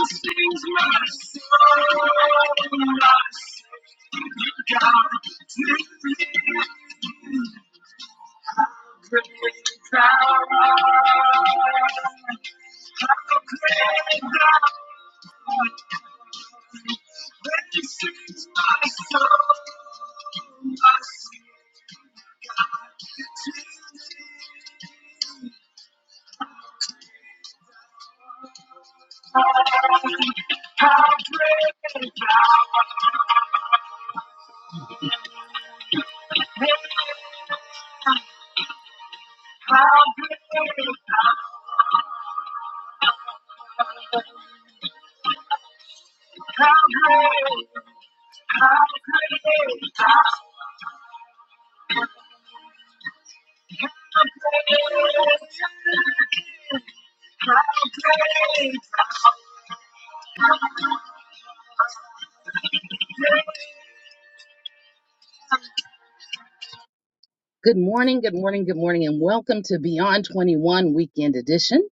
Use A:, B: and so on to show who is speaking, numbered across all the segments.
A: Blessings, my soul, my soul. You got me breaking down. I'm breaking down. This is my soul. I'm breaking down. I'm breaking down. I'm breaking down. I'm breaking down. I'm breaking down. Good morning, good morning, good morning, and welcome to Beyond 21 Weekend Edition.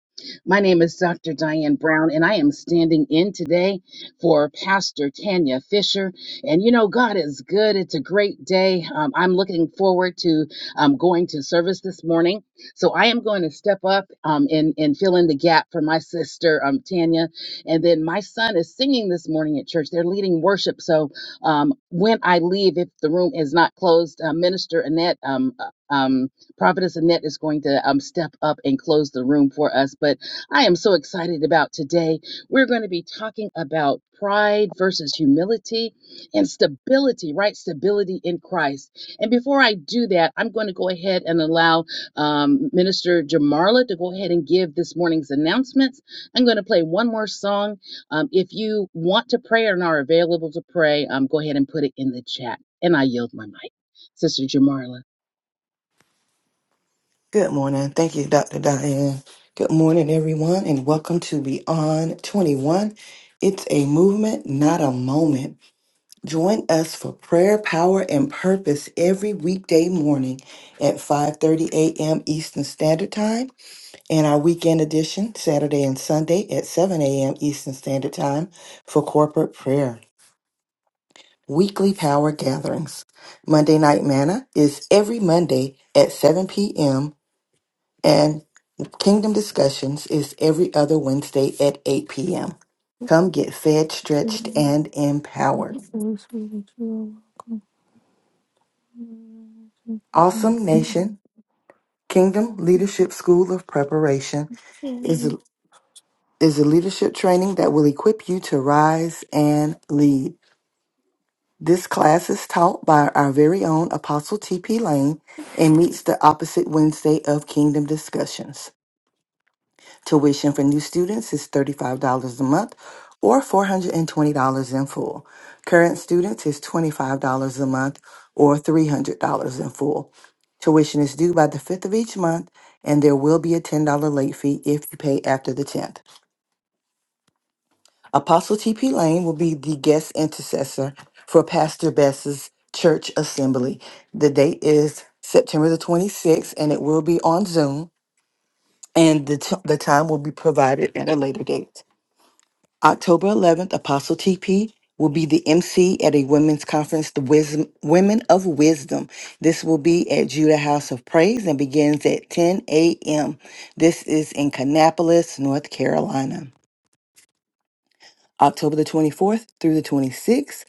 A: My name is Dr. Diane Brown, and I am standing in today for Pastor Tanya Fisher. And you know, God is good. It's a great day. Um, I'm looking forward to um, going to service this morning. So I am going to step up um, and, and fill in the gap for my sister, um, Tanya. And then my son is singing this morning at church. They're leading worship. So um, when I leave, if the room is not closed, uh, Minister Annette, um, uh, um, Prophetess Annette is going to um, step up and close the room for us. But I am so excited about today. We're going to be talking about pride versus humility and stability, right? Stability in Christ. And before I do that, I'm going to go ahead and allow um, Minister Jamarla to go ahead and give this morning's announcements. I'm going to play one more song um, if you want to pray and are available to pray, um, go ahead and put it in the chat. And I yield my mic. Sister Jamarla.
B: Good morning. Thank you, Dr. Diane. Good morning, everyone, and welcome to Beyond 21. It's a movement, not a moment. Join us for prayer, power, and purpose every weekday morning at 5:30 a.m. Eastern Standard Time and our weekend edition Saturday and Sunday at 7 a.m. Eastern Standard Time for corporate prayer. Weekly power gatherings. Monday Night Manna is every Monday at 7 p.m. and Kingdom Discussions is every other Wednesday at 8 p.m. Come get fed,
C: I
B: stretched, and empowered. Awesome Nation Kingdom Leadership School of Preparation is a, is a leadership training that will equip you to rise and lead. This class is taught by our very own Apostle T.P. Lane and meets the opposite Wednesday of Kingdom Discussions. Tuition for new students is $35 a month or $420 in full. Current students is $25 a month or $300 in full. Tuition is due by the 5th of each month, and there will be a $10 late fee if you pay after the 10th. Apostle T.P. Lane will be the guest intercessor for Pastor Bess's church assembly. The date is September the 26th, and it will be on Zoom, and the, t- the time will be provided at a later date. October 11th, Apostle TP will be the MC at a women's conference, the Wisdom, Women of Wisdom. This will be at Judah House of Praise and begins at 10 a.m. This is in Kannapolis, North Carolina. October the 24th through the 26th,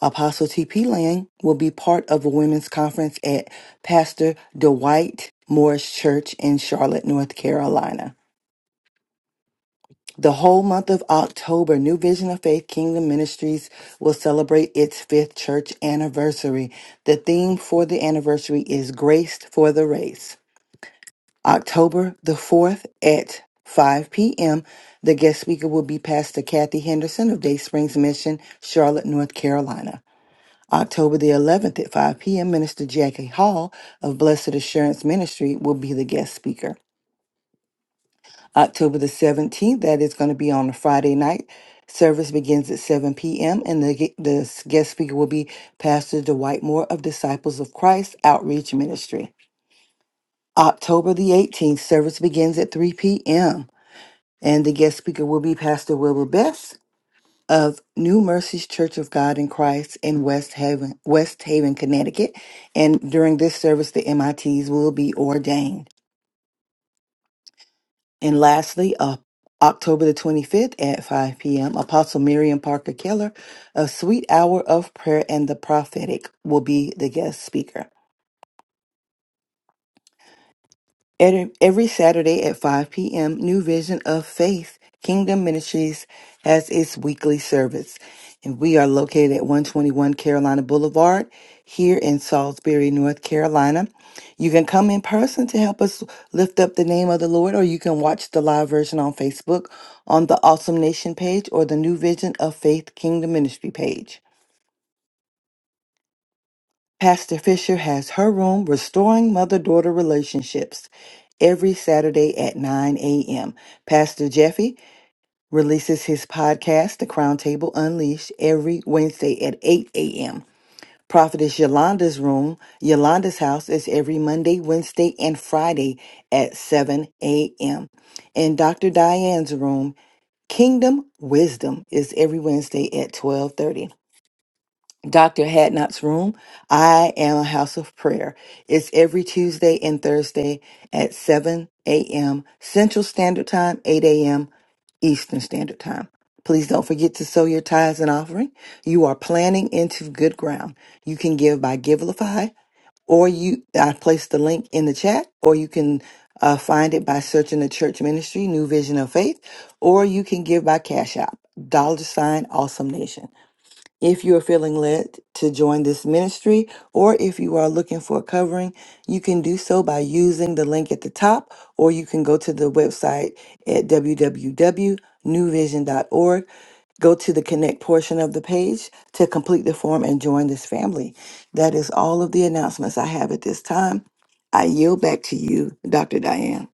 B: Apostle TP Lang will be part of a women's conference at Pastor Dwight Morris Church in Charlotte, North Carolina. The whole month of October, New Vision of Faith Kingdom Ministries will celebrate its fifth church anniversary. The theme for the anniversary is Graced for the Race. October the 4th at 5 p.m., the guest speaker will be Pastor Kathy Henderson of Day Springs Mission, Charlotte, North Carolina. October the 11th at 5 p.m., Minister Jackie Hall of Blessed Assurance Ministry will be the guest speaker. October the 17th. That is going to be on a Friday night. Service begins at 7 p.m. and the, ge- the s- guest speaker will be Pastor Dwight Moore of Disciples of Christ Outreach Ministry. October the 18th, service begins at 3 p.m. and the guest speaker will be Pastor Wilbur Best of New Mercies Church of God in Christ in West Haven, West Haven, Connecticut. And during this service, the MITs will be ordained. And lastly, uh, October the 25th at 5 p.m., Apostle Miriam Parker Keller of Sweet Hour of Prayer and the Prophetic will be the guest speaker. Every every Saturday at 5 p.m., New Vision of Faith Kingdom Ministries has its weekly service. And we are located at 121 Carolina Boulevard here in Salisbury, North Carolina. You can come in person to help us lift up the name of the Lord, or you can watch the live version on Facebook on the Awesome Nation page or the New Vision of Faith Kingdom Ministry page. Pastor Fisher has her room, Restoring Mother Daughter Relationships, every Saturday at 9 a.m. Pastor Jeffy releases his podcast, The Crown Table Unleashed, every Wednesday at 8 a.m. Prophetess Yolanda's room, Yolanda's house, is every Monday, Wednesday, and Friday at 7 a.m. And Dr. Diane's room, Kingdom Wisdom, is every Wednesday at 12:30. Dr. Hadnot's room. I am a house of prayer. It's every Tuesday and Thursday at 7 a.m. Central Standard Time, 8 a.m. Eastern Standard Time. Please don't forget to sow your tithes and offering. You are planting into good ground. You can give by Givelify or you, I placed the link in the chat or you can uh, find it by searching the church ministry, New Vision of Faith, or you can give by Cash App, dollar sign, awesome nation. If you are feeling led to join this ministry, or if you are looking for a covering, you can do so by using the link at the top, or you can go to the website at www.newvision.org. Go to the connect portion of the page to complete the form and join this family. That is all of the announcements I have at this time. I yield back to you, Dr. Diane.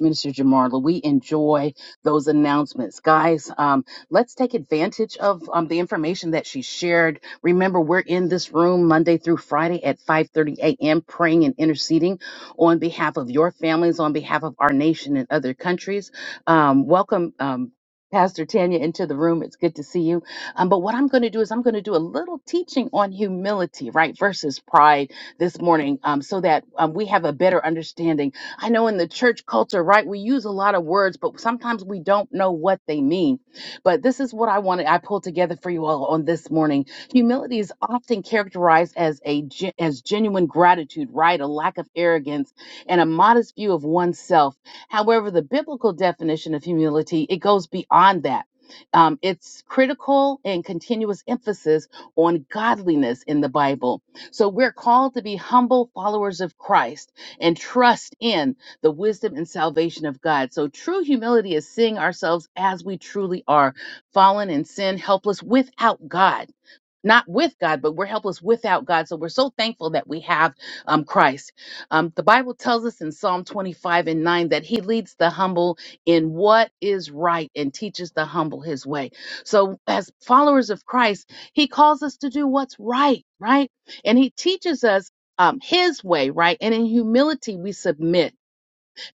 A: Minister Jamarla, we enjoy those announcements. Guys, um, let's take advantage of um, the information that she shared. Remember, we're in this room Monday through Friday at 5.30 a.m. praying and interceding on behalf of your families, on behalf of our nation and other countries. Um, welcome, um, Pastor Tanya, into the room. It's good to see you. Um, but what I'm going to do is I'm going to do a little teaching on humility, right, versus pride this morning um, so that um, we have a better understanding I know in the church culture, right, we use a lot of words, but sometimes we don't know what they mean. But this is what I wanted, I pulled together for you all on this morning. Humility is often characterized as a gen- as genuine gratitude, right? A lack of arrogance and a modest view of oneself. However, the biblical definition of humility, it goes beyond that. Um, it's critical and continuous emphasis on godliness in the Bible. So we're called to be humble followers of Christ and trust in the wisdom and salvation of God. So, true humility is seeing ourselves as we truly are, fallen in sin, helpless without God not with God, but we're helpless without God. So we're so thankful that we have um, Christ. Um, the Bible tells us in Psalm 25 and 9 that he leads the humble in what is right and teaches the humble his way. So, as followers of Christ, he calls us to do what's right, right? And he teaches us. Um, his way, right? And in humility, we submit.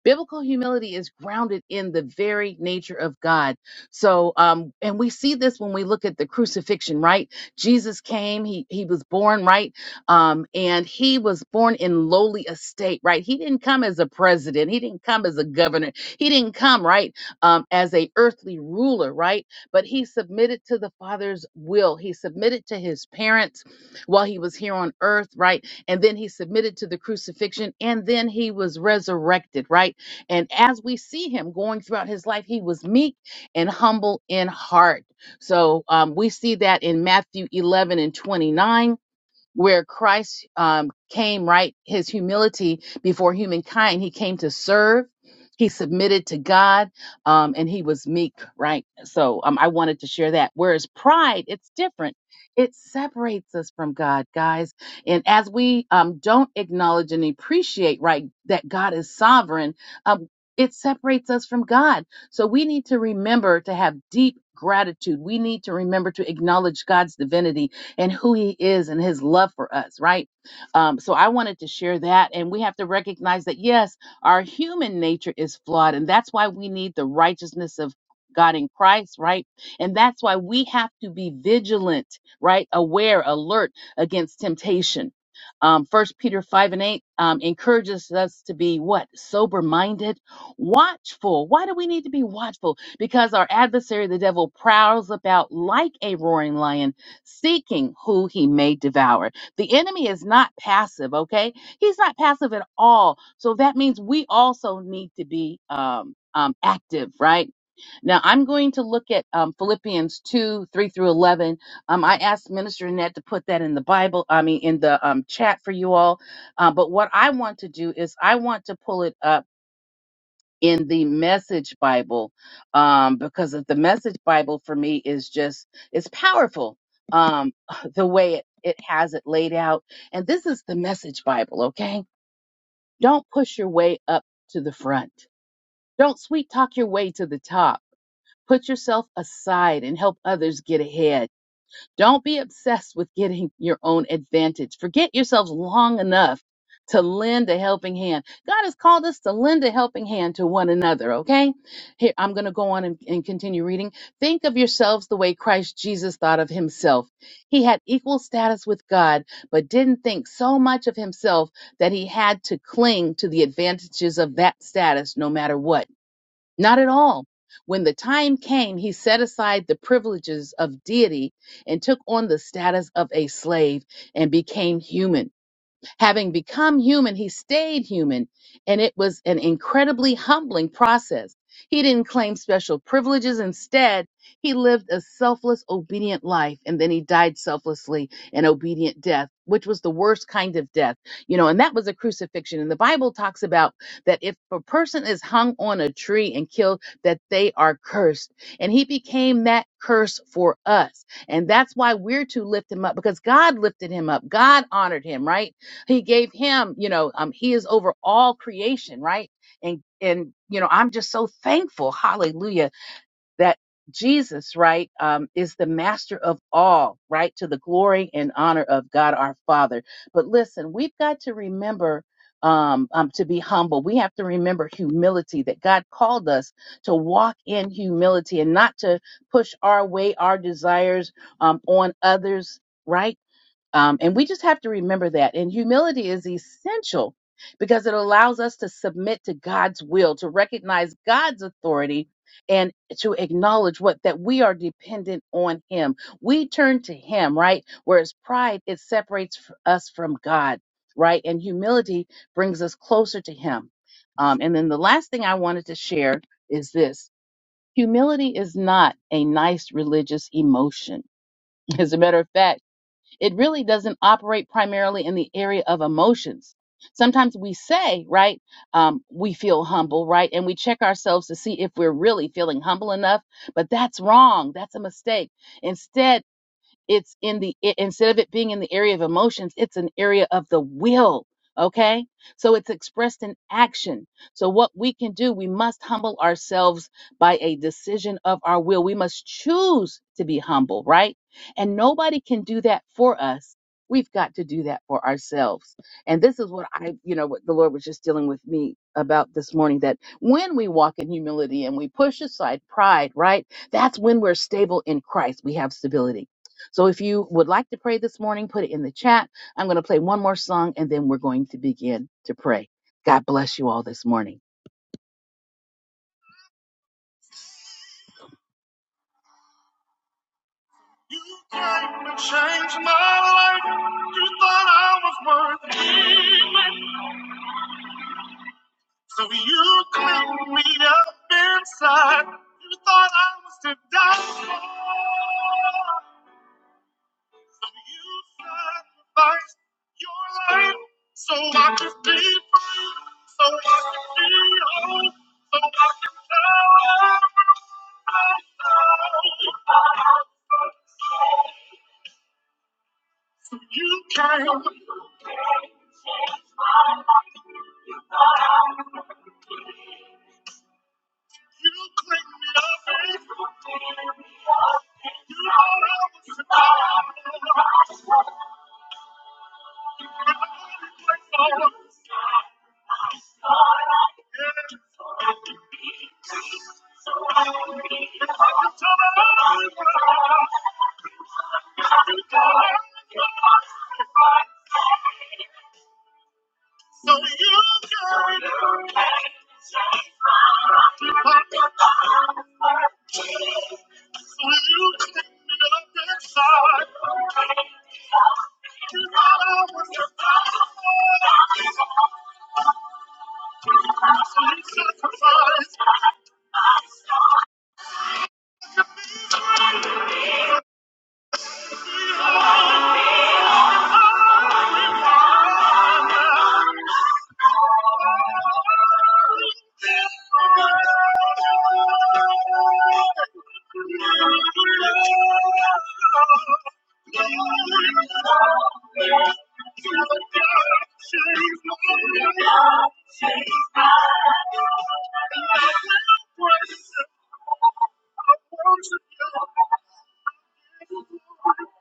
A: Biblical humility is grounded in the very nature of God. So, um, and we see this when we look at the crucifixion, right? Jesus came, he, he was born, right? Um, and he was born in lowly estate, right? He didn't come as a president. He didn't come as a governor. He didn't come, right? Um, as a earthly ruler, right? But he submitted to the father's will. He submitted to his parents while he was here on earth, right? and then he submitted to the crucifixion and then he was resurrected, right? And as we see him going throughout his life, he was meek and humble in heart. So um, we see that in Matthew 11 and 29 where Christ um, came, right? His humility before humankind, he came to serve. He submitted to God, um, and he was meek, right? So um, I wanted to share that. Whereas pride, it's different. It separates us from God, guys. And as we um, don't acknowledge and appreciate, right, that God is sovereign, um, it separates us from God. So we need to remember to have deep gratitude. We need to remember to acknowledge God's divinity and who he is and his love for us, right? Um, so I wanted to share that. And we have to recognize that, yes, our human nature is flawed. And that's why we need the righteousness of God in Christ, right? And that's why we have to be vigilant, right? Aware, alert against temptation. Um, 1 Peter 5 and 8 um, encourages us to be what? Sober minded, watchful. Why do we need to be watchful? Because our adversary, the devil, prowls about like a roaring lion seeking who he may devour. The enemy is not passive, okay? He's not passive at all. So that means we also need to be um, um, active, right? Now, I'm going to look at um, Philippians 2 3 through 11. Um, I asked Minister Annette to put that in the Bible, I mean, in the um, chat for you all. Uh, but what I want to do is I want to pull it up in the message bible um because of the message bible for me is just it's powerful um the way it, it has it laid out and this is the message bible okay don't push your way up to the front don't sweet talk your way to the top put yourself aside and help others get ahead don't be obsessed with getting your own advantage. Forget yourselves long enough to lend a helping hand. God has called us to lend a helping hand to one another, okay? Here, I'm going to go on and, and continue reading. Think of yourselves the way Christ Jesus thought of himself. He had equal status with God, but didn't think so much of himself that he had to cling to the advantages of that status no matter what. Not at all. When the time came, he set aside the privileges of deity and took on the status of a slave and became human. Having become human, he stayed human, and it was an incredibly humbling process. He didn't claim special privileges. Instead, he lived a selfless, obedient life, and then he died selflessly an obedient death, which was the worst kind of death, you know, and that was a crucifixion. And the Bible talks about that if a person is hung on a tree and killed, that they are cursed. And he became that curse for us. And that's why we're to lift him up because God lifted him up. God honored him, right? he gave him you know um he is over all creation right and and you know i'm just so thankful hallelujah that jesus right um is the master of all right to the glory and honor of god our father but listen we've got to remember um, um to be humble we have to remember humility that god called us to walk in humility and not to push our way our desires um on others right um, and we just have to remember that. And humility is essential because it allows us to submit to God's will, to recognize God's authority, and to acknowledge what that we are dependent on Him. We turn to Him, right? Whereas pride, it separates f- us from God, right? And humility brings us closer to Him. Um, and then the last thing I wanted to share is this humility is not a nice religious emotion. As a matter of fact, it really doesn't operate primarily in the area of emotions. Sometimes we say, right, um, we feel humble, right, and we check ourselves to see if we're really feeling humble enough, but that's wrong. That's a mistake. Instead, it's in the i- instead of it being in the area of emotions it's an area of the will okay so it's expressed in action so what we can do we must humble ourselves by a decision of our will we must choose to be humble right and nobody can do that for us we've got to do that for ourselves and this is what i you know what the lord was just dealing with me about this morning that when we walk in humility and we push aside pride right that's when we're stable in christ we have stability so if you would like to pray this morning, put it in the chat. I'm going to play one more song and then we're going to begin to pray. God bless you all this morning. You came to change my life. You thought I was worth leaving. So you cleaned me up inside. You thought I was to die. You sacrificed your life so I could be free, so I could be whole, so I could tell. everyone So you came. You cleaned me up. babe. You know I was a Thank you. So you gave me a sacrifice. So you took me outside. You thought I was a fool. So you sacrificed my soul. Thank you.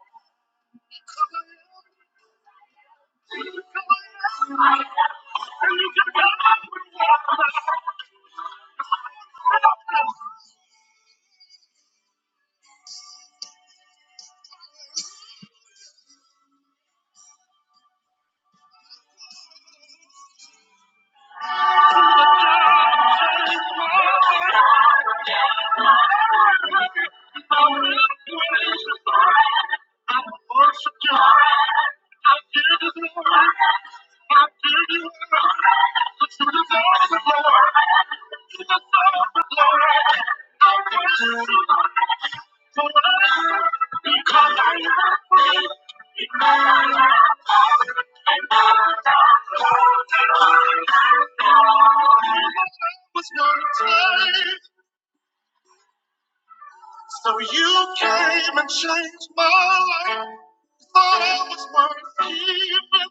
A: Because I am free was not time. So you came and changed my life. Thought I was worth keeping.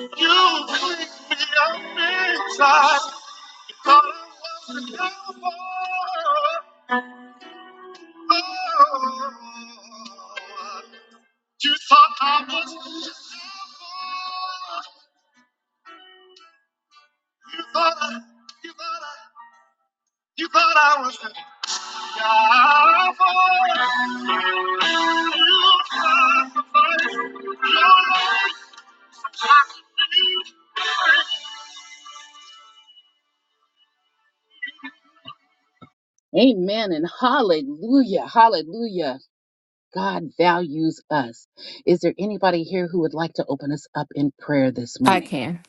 A: You cleaned me up inside. Thought I was a cowboy. Oh. You thought I was a cowboy. You thought I, you thought I, you thought I was. a Amen and hallelujah. Hallelujah. God values us. Is there anybody here who would like to open us up in prayer this morning?
C: can.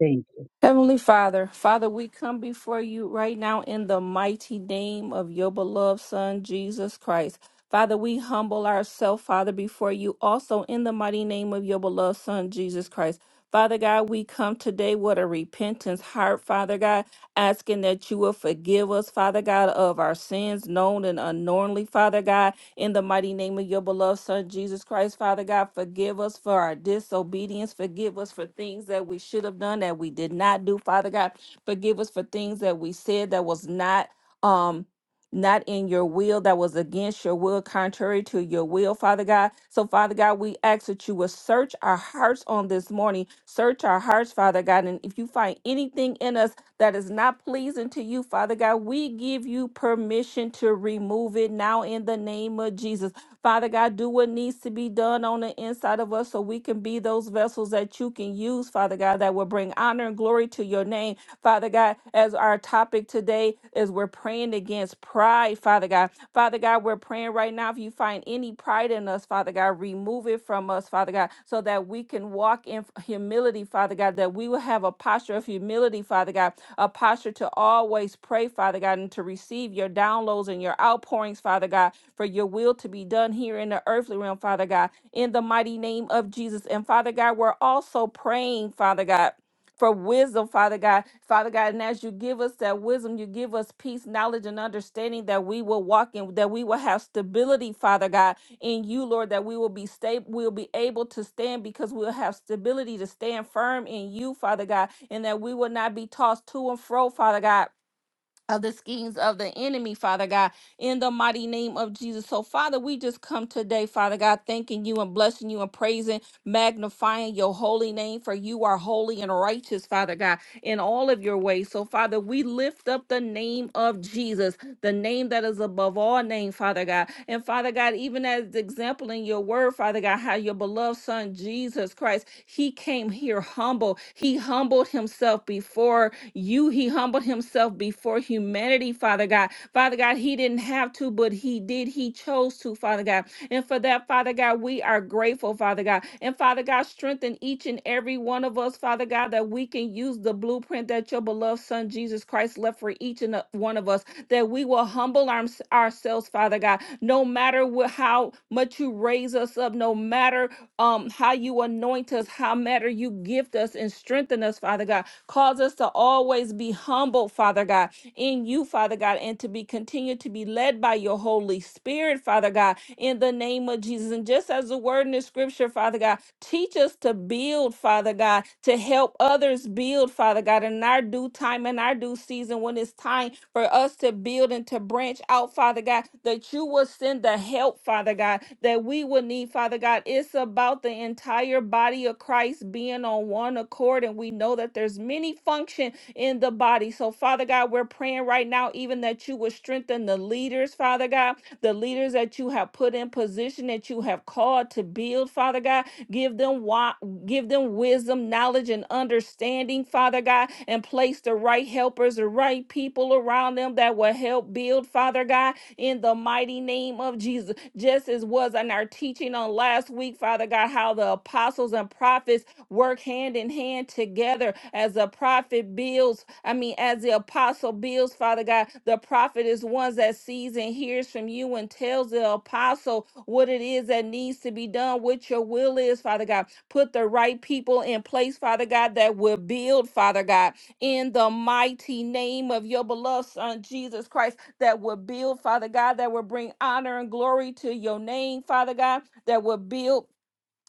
A: Thank you.
C: Heavenly Father, Father, we come before you right now in the mighty name of your beloved Son, Jesus Christ. Father, we humble ourselves, Father, before you also in the mighty name of your beloved Son, Jesus Christ. Father God, we come today with a repentance heart, Father God, asking that you will forgive us, Father God, of our sins known and unknowingly, Father God In the mighty name of your beloved Son, Jesus Christ, Father God, forgive us for our disobedience. Forgive us for things that we should have done that we did not do, Father God. Forgive us for things that we said that was not um not in your will, that was against your will, contrary to your will, Father God. So, Father God, we ask that you will search our hearts on this morning. Search our hearts, Father God. And if you find anything in us that is not pleasing to you, Father God, we give you permission to remove it now in the name of Jesus. Father God, do what needs to be done on the inside of us so we can be those vessels that you can use, Father God, that will bring honor and glory to your name. Father God, as our topic today is we're praying against pride, Father God. Father God, we're praying right now if you find any pride in us, Father God, remove it from us, Father God. God, so that we can walk in humility, Father God, that we will have a posture of humility, Father God, a posture to always pray, Father God, and to receive your downloads and your outpourings, Father God, for your will to be done here in the earthly realm, Father God, in the mighty name of Jesus. And Father God, we're also praying, Father God. For wisdom, Father God. Father God, and as you give us that wisdom, you give us peace, knowledge, and understanding that we will walk in, that we will have stability, Father God, in you, Lord, that we will be stable, we'll be able to stand because we'll have stability to stand firm in you, Father God, and that we will not be tossed to and fro, Father God of the schemes of the enemy, Father God, in the mighty name of Jesus. So, Father, we just come today, Father God, thanking you and blessing you and praising, magnifying your holy name, for you are holy and righteous, Father God, in all of your ways. So, Father, we lift up the name of Jesus, the name that is above all name, Father God. And Father God, even as the example in your word, Father God, how your beloved son Jesus Christ, he came here humble. He humbled himself before you, he humbled himself before humanity, Father God. Father God, he didn't have to, but he did. He chose to, Father God. And for that, Father God, we are grateful, Father God. And Father God, strengthen each and every one of us, Father God, that we can use the blueprint that your beloved Son Jesus Christ left for each and uh, one of us, that we will humble our, ourselves, Father God, no matter wh- how much you raise us up, no matter um, how you anoint us, how matter you gift us and strengthen us, Father God. Cause us to always be humble, Father God, in you, Father God, and to be continued to be led by your Holy Spirit, Father God, in the name of Jesus. And just as the word in the scripture, Father God, teach us to build, Father God, to help others build, Father God, in our due time and our due season when it's time for us to build and to branch out, Father God, that you will send the help, Father God, that we will need, Father God. It's about the entire body of Christ being on one accord. And we know that there's many function in the body. So, Father God, we're praying right now, even that you will strengthen the leaders, Father God the leaders that you have put in position that you have called to build, Father God. Give them wi- give them wisdom, knowledge, and understanding, Father God, and place the right helpers, the right people around them that will help build, Father God, in the mighty name of Jesus. Just as was in our teaching on last week, Father God, how the apostles and prophets work hand in hand together as a prophet builds, I mean, as the apostle builds, Father God. The prophet is one that sees and hears from you and tells the apostle what it is that needs to be done, what your will is, Father God. Put the right people in place, Father God, that will build, Father God, in the mighty name of your beloved Son, Jesus Christ, that will build, Father God, that will bring honor and glory to your name, Father God, that will build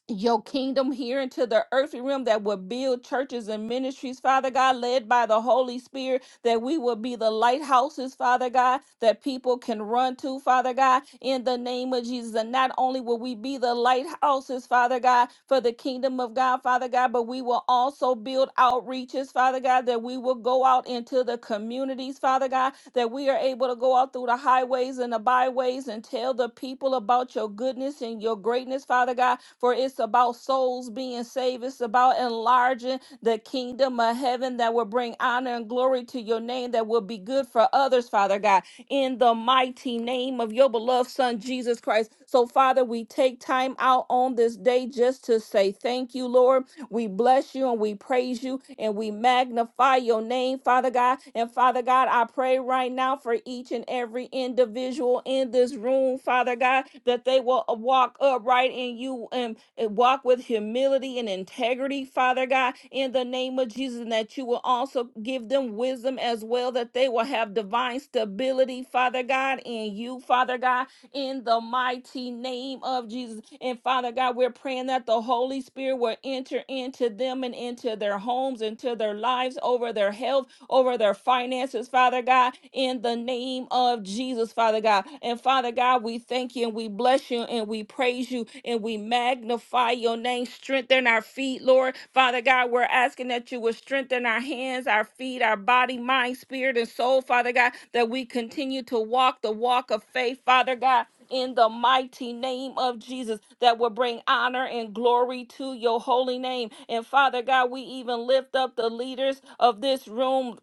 C: your kingdom here into the earthly realm that will build churches and ministries, Father God, led by the Holy Spirit, that we will be the lighthouses, Father God, that people can run to, Father God, in the name of Jesus. And not only will we be the lighthouses, Father God, for the kingdom of God, Father God, but we will also build outreaches, Father God, that we will go out into the communities, Father God, that we are able to go out through the highways and the byways and tell the people about your goodness and your greatness, Father God, for it's about souls being saved. It's about enlarging the kingdom of heaven that will bring honor and glory to your name that will be good for others, Father God, in the mighty name of your beloved Son, Jesus Christ. So, Father, we take time out on this day just to say thank you, Lord. We bless you and we praise you and we magnify your name, Father God. And Father God, I pray right now for each and every individual in this room, Father God, that they will walk upright in you and and walk with humility and integrity, Father God, in the name of Jesus, and that you will also give them wisdom as well, that they will have divine stability, Father God, in you, Father God, in the mighty name of Jesus. And Father God, we're praying that the Holy Spirit will enter into them and into their homes, into their lives, over their health over their finances, Father God, in the name of Jesus, Father God. And Father God, we thank you and we bless you and we praise you and we magnify your name. Strengthen our feet, Lord. Father God, we're asking that you would strengthen our hands, our feet, our body, mind, spirit, and soul, Father God, that we continue to walk the walk of faith, Father God in the mighty name of Jesus that will bring honor and glory to your holy name. And Father God, we even lift up the leaders of this room,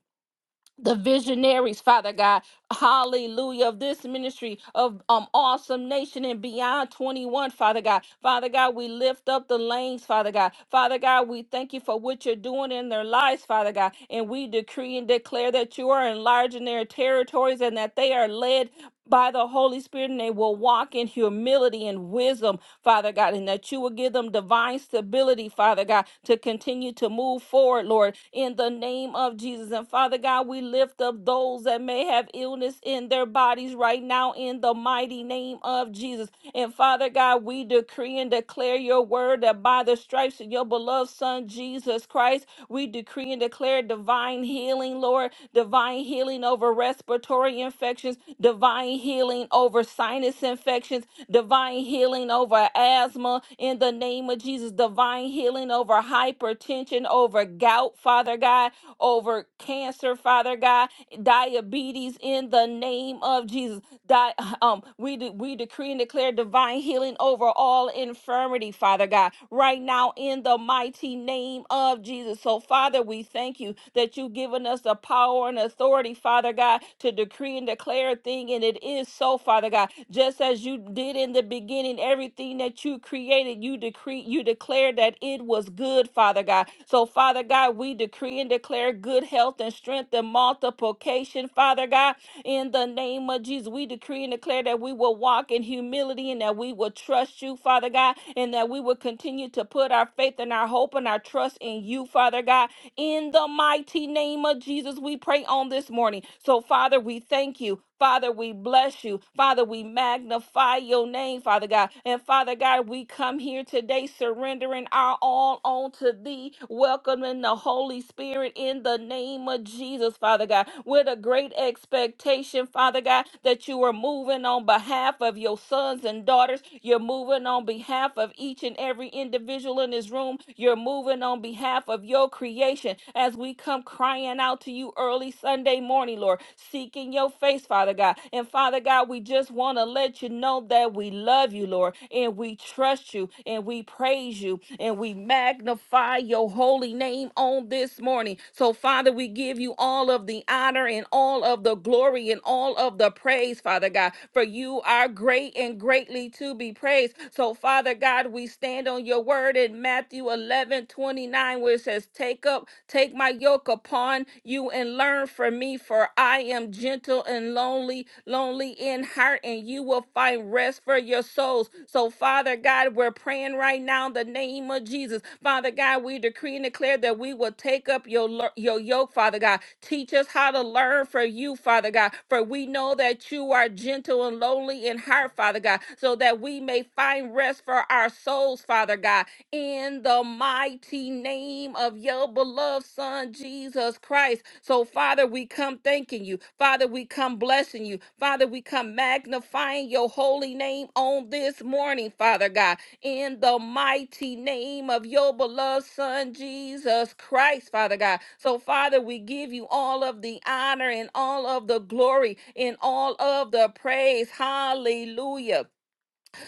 C: the visionaries, Father God, hallelujah, of this ministry of um awesome nation and beyond 21, Father God. Father God, we lift up the lanes, Father God. Father God, we thank you for what you're doing in their lives, Father God. And we decree and declare that you are enlarging their territories and that they are led by the Holy Spirit and they will walk in humility and wisdom Father God, and that you will give them divine stability, Father God, to continue to move forward, Lord, in the name of Jesus. And Father God, we lift up those that may have illness in their bodies right now in the mighty name of Jesus. And Father God, we decree and declare your word that by the stripes of your beloved Son, Jesus Christ, we decree and declare divine healing, Lord, divine healing over respiratory infections, divine healing over sinus infections infections, divine healing over asthma in the name of Jesus, divine healing over hypertension, over gout, Father God, over cancer, Father God, diabetes in the name of Jesus. Di- um, we, de- we decree and declare divine healing over all infirmity, Father God, right now in the mighty name of Jesus. So, Father, we thank you that you've given us the power and authority, Father God, to decree and declare a thing, and it it is so, Father God. Just as you did in the beginning, everything that you created, you decree, you declared that it was good, Father God. So, Father God, we decree and declare good health and strength and multiplication, Father God. In the name of Jesus, we decree and declare that we will walk in humility and that we will trust you, Father God, and that we will continue to put our faith and our hope and our trust in you, Father God. In the mighty name of Jesus, we pray on this morning. So, Father. Father, we thank you. Father, we bless you. Father, we magnify your name, Father God. And Father God, we come here today surrendering our all unto thee, welcoming the Holy Spirit in the name of Jesus, Father God, with a great expectation, Father God, that you are moving on behalf of your sons and daughters. You're moving on behalf of each and every individual in this room. You're moving on behalf of your creation as we come crying out to you early Sunday morning, Lord, seeking your face, Father God. And Father God, we just want to let you know that we love you, Lord, and we trust you, and we praise you, and we magnify your holy name on this morning. So, Father, we give you all of the honor and all of the glory and all of the praise, Father God, for you are great and greatly to be praised. So, Father God, we stand on your word in Matthew 11 29, where it says, Take up Take my yoke upon you and learn from me, for I am gentle and lonely, lonely in heart, and you will find rest for your souls. So, Father God, we're praying right now in the name of Jesus. Father God, we decree and declare that we will take up your, lo- your yoke, Father God. Teach us how to learn from you, Father God, for we know that you are gentle and lonely in heart, Father God, so that we may find rest for our souls, Father God in the mighty name of your beloved Son, Jesus Christ. So, Father, we come thanking you. Father, we come blessing you. Father, we come magnifying your holy name on this morning, Father God, in the mighty name of your beloved Son, Jesus Christ, Father God. So, Father, we give you all of the honor and all of the glory and all of the praise. Hallelujah.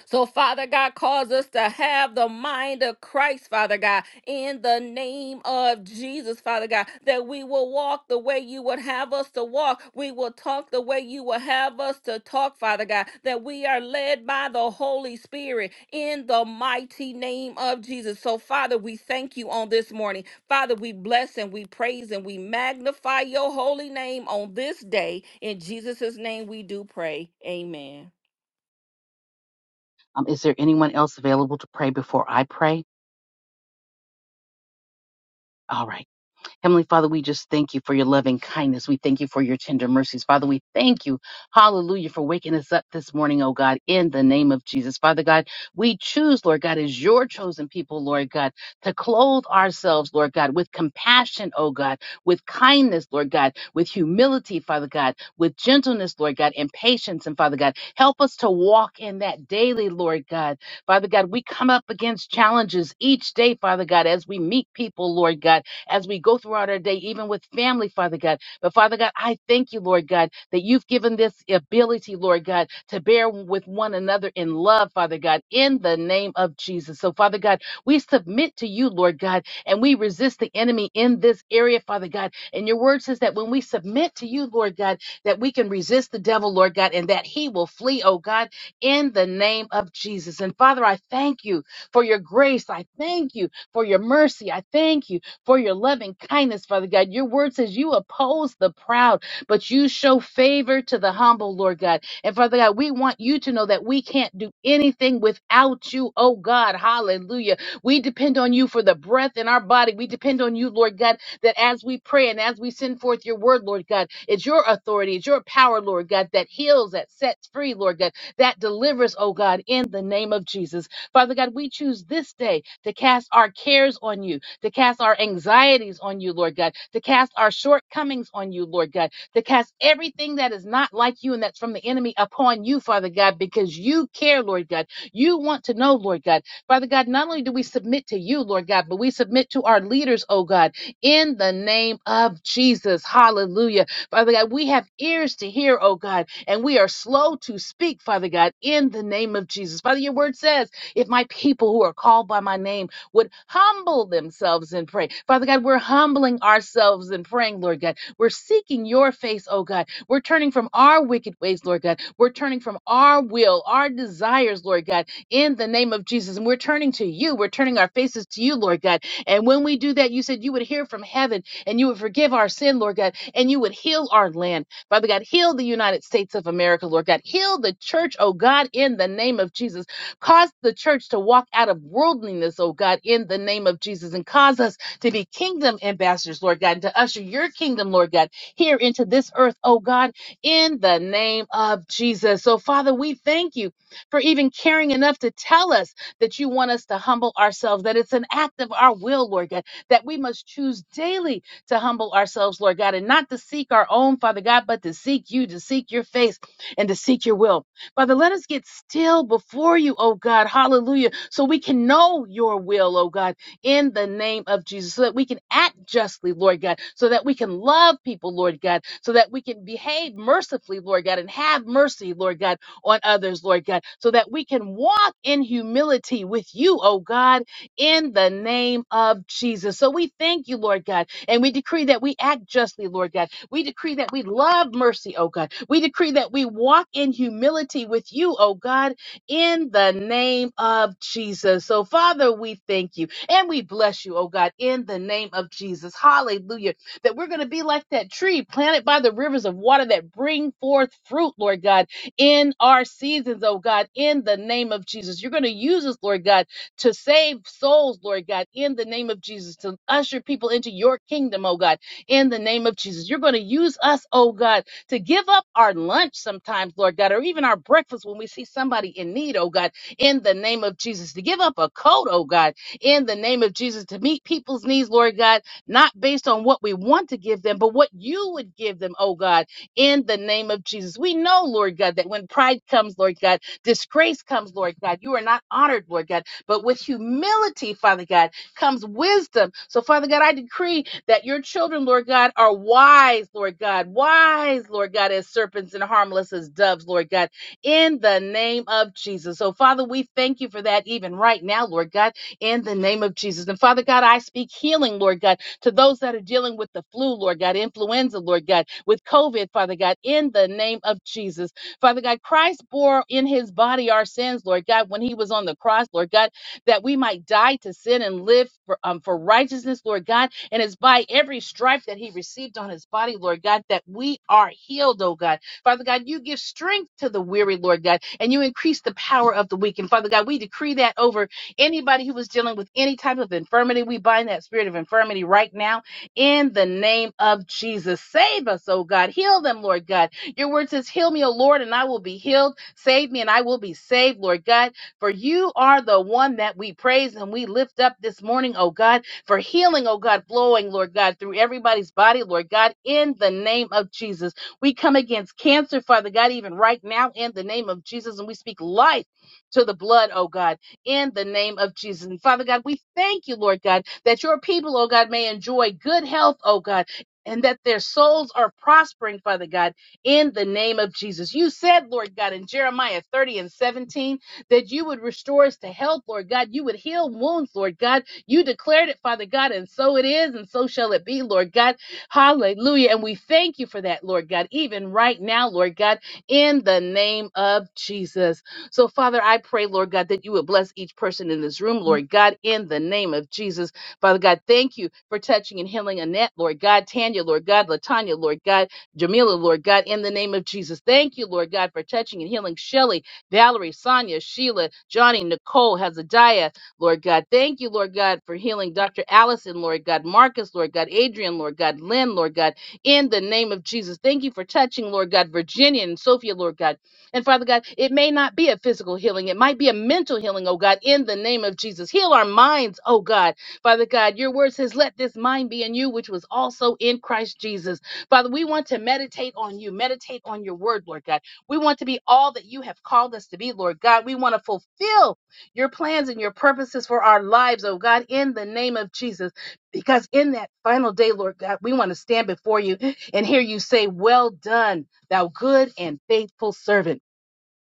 C: So, Father God, cause us to have the mind of Christ, Father God, in the name of Jesus, Father God, that we will walk the way you would have us to walk. We will talk the way you will have us to talk, Father God, that we are led by the Holy Spirit in the mighty name of Jesus. So, Father, we thank you on this morning. Father, we bless and we praise and we magnify your holy name on this day. In Jesus' name we do pray. Amen.
A: Um, is there anyone else available to pray before I pray? All right. Heavenly Father, we just thank you for your loving kindness. We thank you for your tender mercies. Father, we thank you, hallelujah, for waking us up this morning, oh God, in the name of Jesus. Father God, we choose, Lord God, as your chosen people, Lord God, to clothe ourselves, Lord God, with compassion, oh God, with kindness, Lord God, with humility, Father God, with gentleness, Lord God, and patience. And Father God, help us to walk in that daily, Lord God. Father God, we come up against challenges each day, Father God, as we meet people, Lord God as we go throughout our day, even with family, Father God. But Father God, I thank you, Lord God, that you've given this ability, Lord God, to bear with one another in love, Father God, in the name of Jesus. So, Father God, we submit to you, Lord God, and we resist the enemy in this area, Father God. And your word says that when we submit to you, Lord God, that we can resist the devil, Lord God, and that he will flee, oh God, in the name of Jesus. And Father, I thank you for your grace. I thank you for your mercy. I thank you for your loving kindness, Father God. Your word says you oppose the proud, but you show favor to the humble, Lord God. And Father God, we want you to know that we can't do anything without you, oh God. Hallelujah. We depend on you for the breath in our body. We depend on you, Lord God, that as we pray and as we send forth your word, Lord God, it's your authority, it's your power, Lord God, that heals, that sets free, Lord God, that delivers, oh God, in the name of Jesus. Father God, we choose this day to cast our cares on you to cast our anxieties on you, Lord God, to cast our shortcomings on you, Lord God, to cast everything that is not like you and that's from the enemy upon you, Father God, because you care, Lord God. You want to know, Lord God. Father God, not only do we submit to you, Lord God, but we submit to our leaders, oh God, in the name of Jesus. Hallelujah. Father God, we have ears to hear, oh God, and we are slow to speak, Father God, in the name of Jesus. Father, your word says, if my people who are called by my name would humble themselves and pray. Father God, we're humbling ourselves and praying, Lord God. We're seeking your face, oh God. We're turning from our wicked ways, Lord God. We're turning from our will, our desires, Lord God, in the name of Jesus. And we're turning to you. We're turning our faces to you, Lord God. And when we do that, you said you would hear from heaven and you would forgive our sin, Lord God, and you would heal our land. Father God, heal the United States of America, Lord God. Heal the church, oh God, in the name of Jesus. Cause the church to walk out of worldliness, oh God, in the name of Jesus, and cause us to be kingdom ambassadors, Lord God, and to usher your kingdom, Lord God, here into this earth, oh God, in the name of Jesus. So, Father, we thank you for even caring enough to tell us that you want us to humble ourselves, that it's an act of our will, Lord God, that we must choose daily to humble ourselves, Lord God, and not to seek our own, Father God, but to seek you, to seek your face, and to seek your will. Father, let us get still before you, oh God. Hallelujah. So we can know your will, oh God, in the name of Jesus, so that we can act justly, Lord God, so that we can love people, Lord God, so that we can behave mercifully, Lord God, and have mercy, Lord God, on others, Lord God, so that we can walk in humility with you, oh God, in the name of Jesus. So we thank you, Lord God and we decree that we act justly, Lord God. We decree that we love mercy, oh God. We decree that we walk in humility with you, oh God, in the name of Jesus. So, Father, we thank you and we bless you, oh God, in the name of Jesus. Hallelujah. That we're going to be like that tree planted by the rivers of water that bring forth fruit, Lord God, in our seasons, oh God, in the name of Jesus. You're going to use us, Lord God to save souls, Lord God, in the name of Jesus, to usher people into your kingdom, oh God, in the name of Jesus. You're going to use us, oh God, to give up our lunch sometimes, Lord God, or even our breakfast when we see somebody in need, oh God, in the name of Jesus, to give up a coat, oh God, in the name of Jesus, to meet people's needs, Lord God, not based on what we want to give them, but what you would give them, oh God, in the name of Jesus. We know, Lord God, that when pride comes, Lord God, disgrace comes, Lord God, you are not honored, Lord God. But with humility, Father God, comes wisdom. So, Father God, I decree that your children, Lord God, are wise, Lord God, wise, Lord God, as serpents and harmless as doves, Lord God, in the name of Jesus. So, Father, we thank you for that even right now, Lord God, in the name of Jesus. And, Father God, I speak healing, Lord God, to those that are dealing with the flu, Lord God, influenza, Lord God, with COVID, Father God, in the name of Jesus. Father God, Christ bore in his body our sins, Lord God, when he was on the cross, Lord God that we might die to sin and live for, um, for righteousness, Lord God. And it's by every stripe that he received on his body, Lord God, that we are healed, oh God. Father God, you give strength to the weary, Lord God, and you increase the power of the weak. And Father God, we decree that over anybody who was dealing with any type of infirmity. We bind that spirit of infirmity right now in the name of Jesus. Save us, oh God. Heal them, Lord God. Your word says, Heal me, O Lord, and I will be healed. Save me, and I will be saved, Lord God. For you are the one that we praise and we lift up this morning, oh God, for healing, oh God, flowing, Lord God, through everybody's body, Lord God, in the name of Jesus. We come against cancer, Father God, even right now in the name of Jesus, and we speak life to the blood, oh God, in the name of Jesus. And Father God, we thank you, Lord God, that your people, oh God, may enjoy good health, oh God. And that their souls are prospering, Father God, in the name of Jesus. You said, Lord God, in Jeremiah 30 and 17, that you would restore us to health, Lord God. You would heal wounds, Lord God. You declared it, Father God, and so it is, and so shall it be, Lord God. Hallelujah. And we thank you for that, Lord God, even right now, Lord God, in the name of Jesus. So, Father, I pray, Lord God, that you would bless each person in this room, Lord God, in the name of Jesus. Father God, thank you for touching and healing Annette, Lord God, Tanya, Lord God, Latanya, Lord God, Jamila, Lord God, in the name of Jesus. Thank you, Lord God, for touching and healing Shelly Valerie, Sonia, Sheila, Johnny, Nicole, Hezekiah, Lord God. Thank you, Lord God, for healing Dr. Allison, Lord God, Marcus, Lord God, Adrian, Lord God, Lynn, Lord God, in the name of Jesus. Thank you for touching, Lord God, Virginia and Sophia, Lord God. And Father God, it may not be a physical healing, it might be a mental healing, oh God, in the name of Jesus. Heal our minds, oh God. Father God, your word says, Let this mind be in you, which was also in Christ Jesus. Father, we want to meditate on you, meditate on your word, Lord God. We want to be all that you have called us to be, Lord God. We want to fulfill your plans and your purposes for our lives, oh God, in the name of Jesus. Because in that final day, Lord God, we want to stand before you and hear you say, Well done, thou good and faithful servant.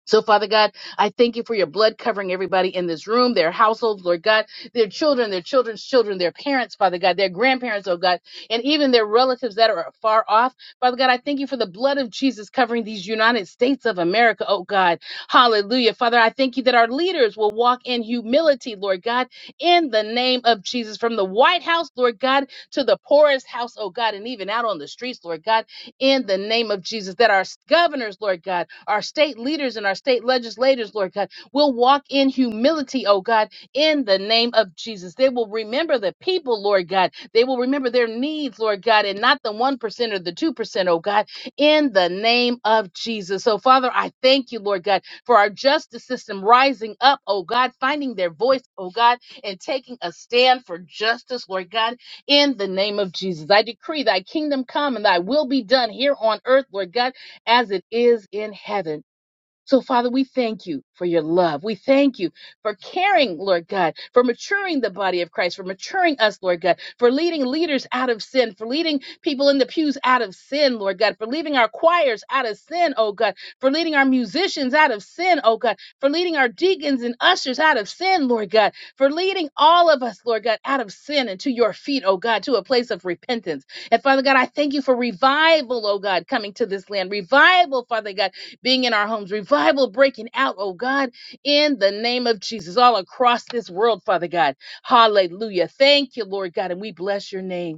A: So, Father God, I thank you for your blood covering everybody in this room, their households, Lord God, their children, their children's children, their parents, Father God, their grandparents, oh God, and even their relatives that are far off. Father God, I thank you for the blood of Jesus covering these United States of America, oh God. Hallelujah. Father, I thank you that our leaders will walk in humility, Lord God, in the name of Jesus, from the White House, Lord God, to the poorest house, oh God, and even out on the streets, Lord God in the name of Jesus. That our governors, Lord God, our state leaders and our state legislators, Lord God, will walk in humility, oh God, in the name of Jesus. They will remember the people, Lord God. They will remember their needs, Lord God, and not the 1% or the 2%, oh God, in the name of Jesus. So, Father, I thank you, Lord God, for our justice system rising up, oh God, finding their voice, oh God, and taking a stand for justice, Lord God in the name of Jesus. I decree thy kingdom come and thy will be done here on earth, Lord God, as it is in heaven. So, Father, we thank you for your love. We thank you for caring, Lord God, for maturing the body of Christ, for maturing us, Lord God, for leading leaders out of sin, for leading people in the pews out of sin, Lord God, for leading our choirs out of sin, oh God, for leading our musicians out of sin, oh God, for leading our deacons and ushers out of sin, Lord God, for leading all of us, Lord God, out of sin and to your feet, oh God, to a place of repentance. And Father God, I thank you for revival, oh God, coming to this land. Revival, Father God being in our homes, revival breaking out, oh God, in the name of Jesus, all across this world, Father God. Hallelujah. Thank you, Lord God, and we bless your name.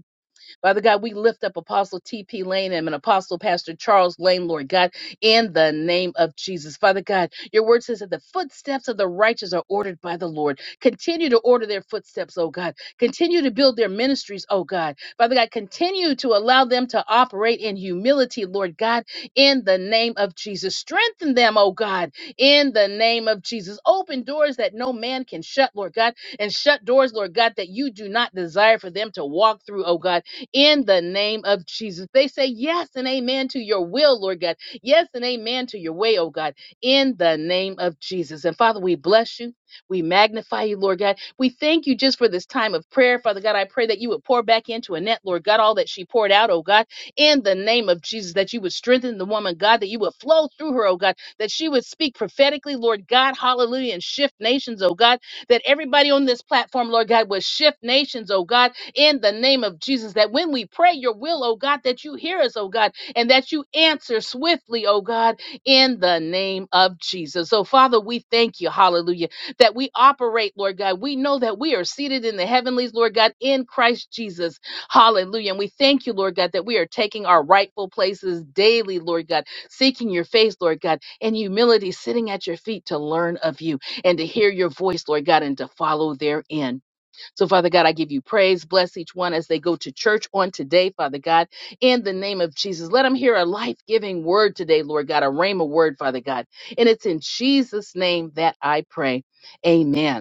A: Father God, we lift up Apostle T.P. Lane and Apostle Pastor Charles Lane, Lord God, in the name of Jesus. Father God, your word says that the footsteps of the righteous are ordered by the Lord. Continue to order their footsteps, oh God. Continue to build their ministries, oh God. Father God, continue to allow them to operate in humility, Lord God, in the name of Jesus. Strengthen them, oh God, in the name of Jesus. Open doors that no man can shut, Lord God, and shut doors, Lord God, that you do not desire for them to walk through, oh God in the name of Jesus. They say yes and amen to your will, Lord God. Yes and amen to your way, oh God, in the name of Jesus. And Father, we bless you. We magnify you, Lord God. We thank you just for this time of prayer. Father God, I pray that you would pour back into Annette, Lord God, all that she poured out, oh God, in the name of Jesus, that you would strengthen the woman, God, that you would flow through her, oh God, that she would speak prophetically, Lord God, hallelujah, and shift nations, oh God, that everybody on this platform, Lord God, would shift nations, oh God, in the name of Jesus. That when we pray your will, oh God, that you hear us, oh God, and that you answer swiftly, oh God, in the name of Jesus. So, Father, we thank you, hallelujah, that we operate, Lord God. We know that we are seated in the heavenlies, Lord God, in Christ Jesus. Hallelujah. And we thank you, Lord God, that we are taking our rightful places daily, Lord God, seeking your face, Lord God, in humility, sitting at your feet to learn of you and to hear your voice, Lord God, and to follow therein. So, Father God, I give you praise. Bless each one as they go to church on today, Father God, in the name of Jesus. Let them hear a life giving word today, Lord God, a rhema word, Father God. And it's in Jesus' name that I pray. Amen.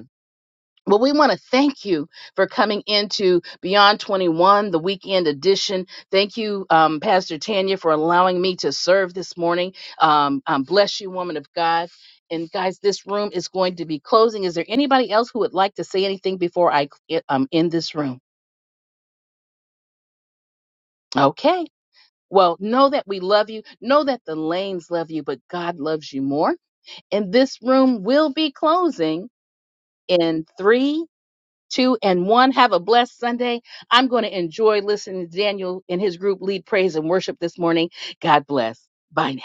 A: Well, we want to thank you for coming into Beyond 21, the weekend edition. Thank you, um, Pastor Tanya, for allowing me to serve this morning. Um, um, bless you, woman of God. And guys, this room is going to be closing. Is there anybody else who would like to say anything before I eh, um, end this room? Okay. Well, know that we love you. Know that the lanes love you, but God loves you more. And this room will be closing in three two, and one. Have a blessed Sunday. I'm going to enjoy listening to Daniel and his group lead praise and worship this morning. God bless. Bye now.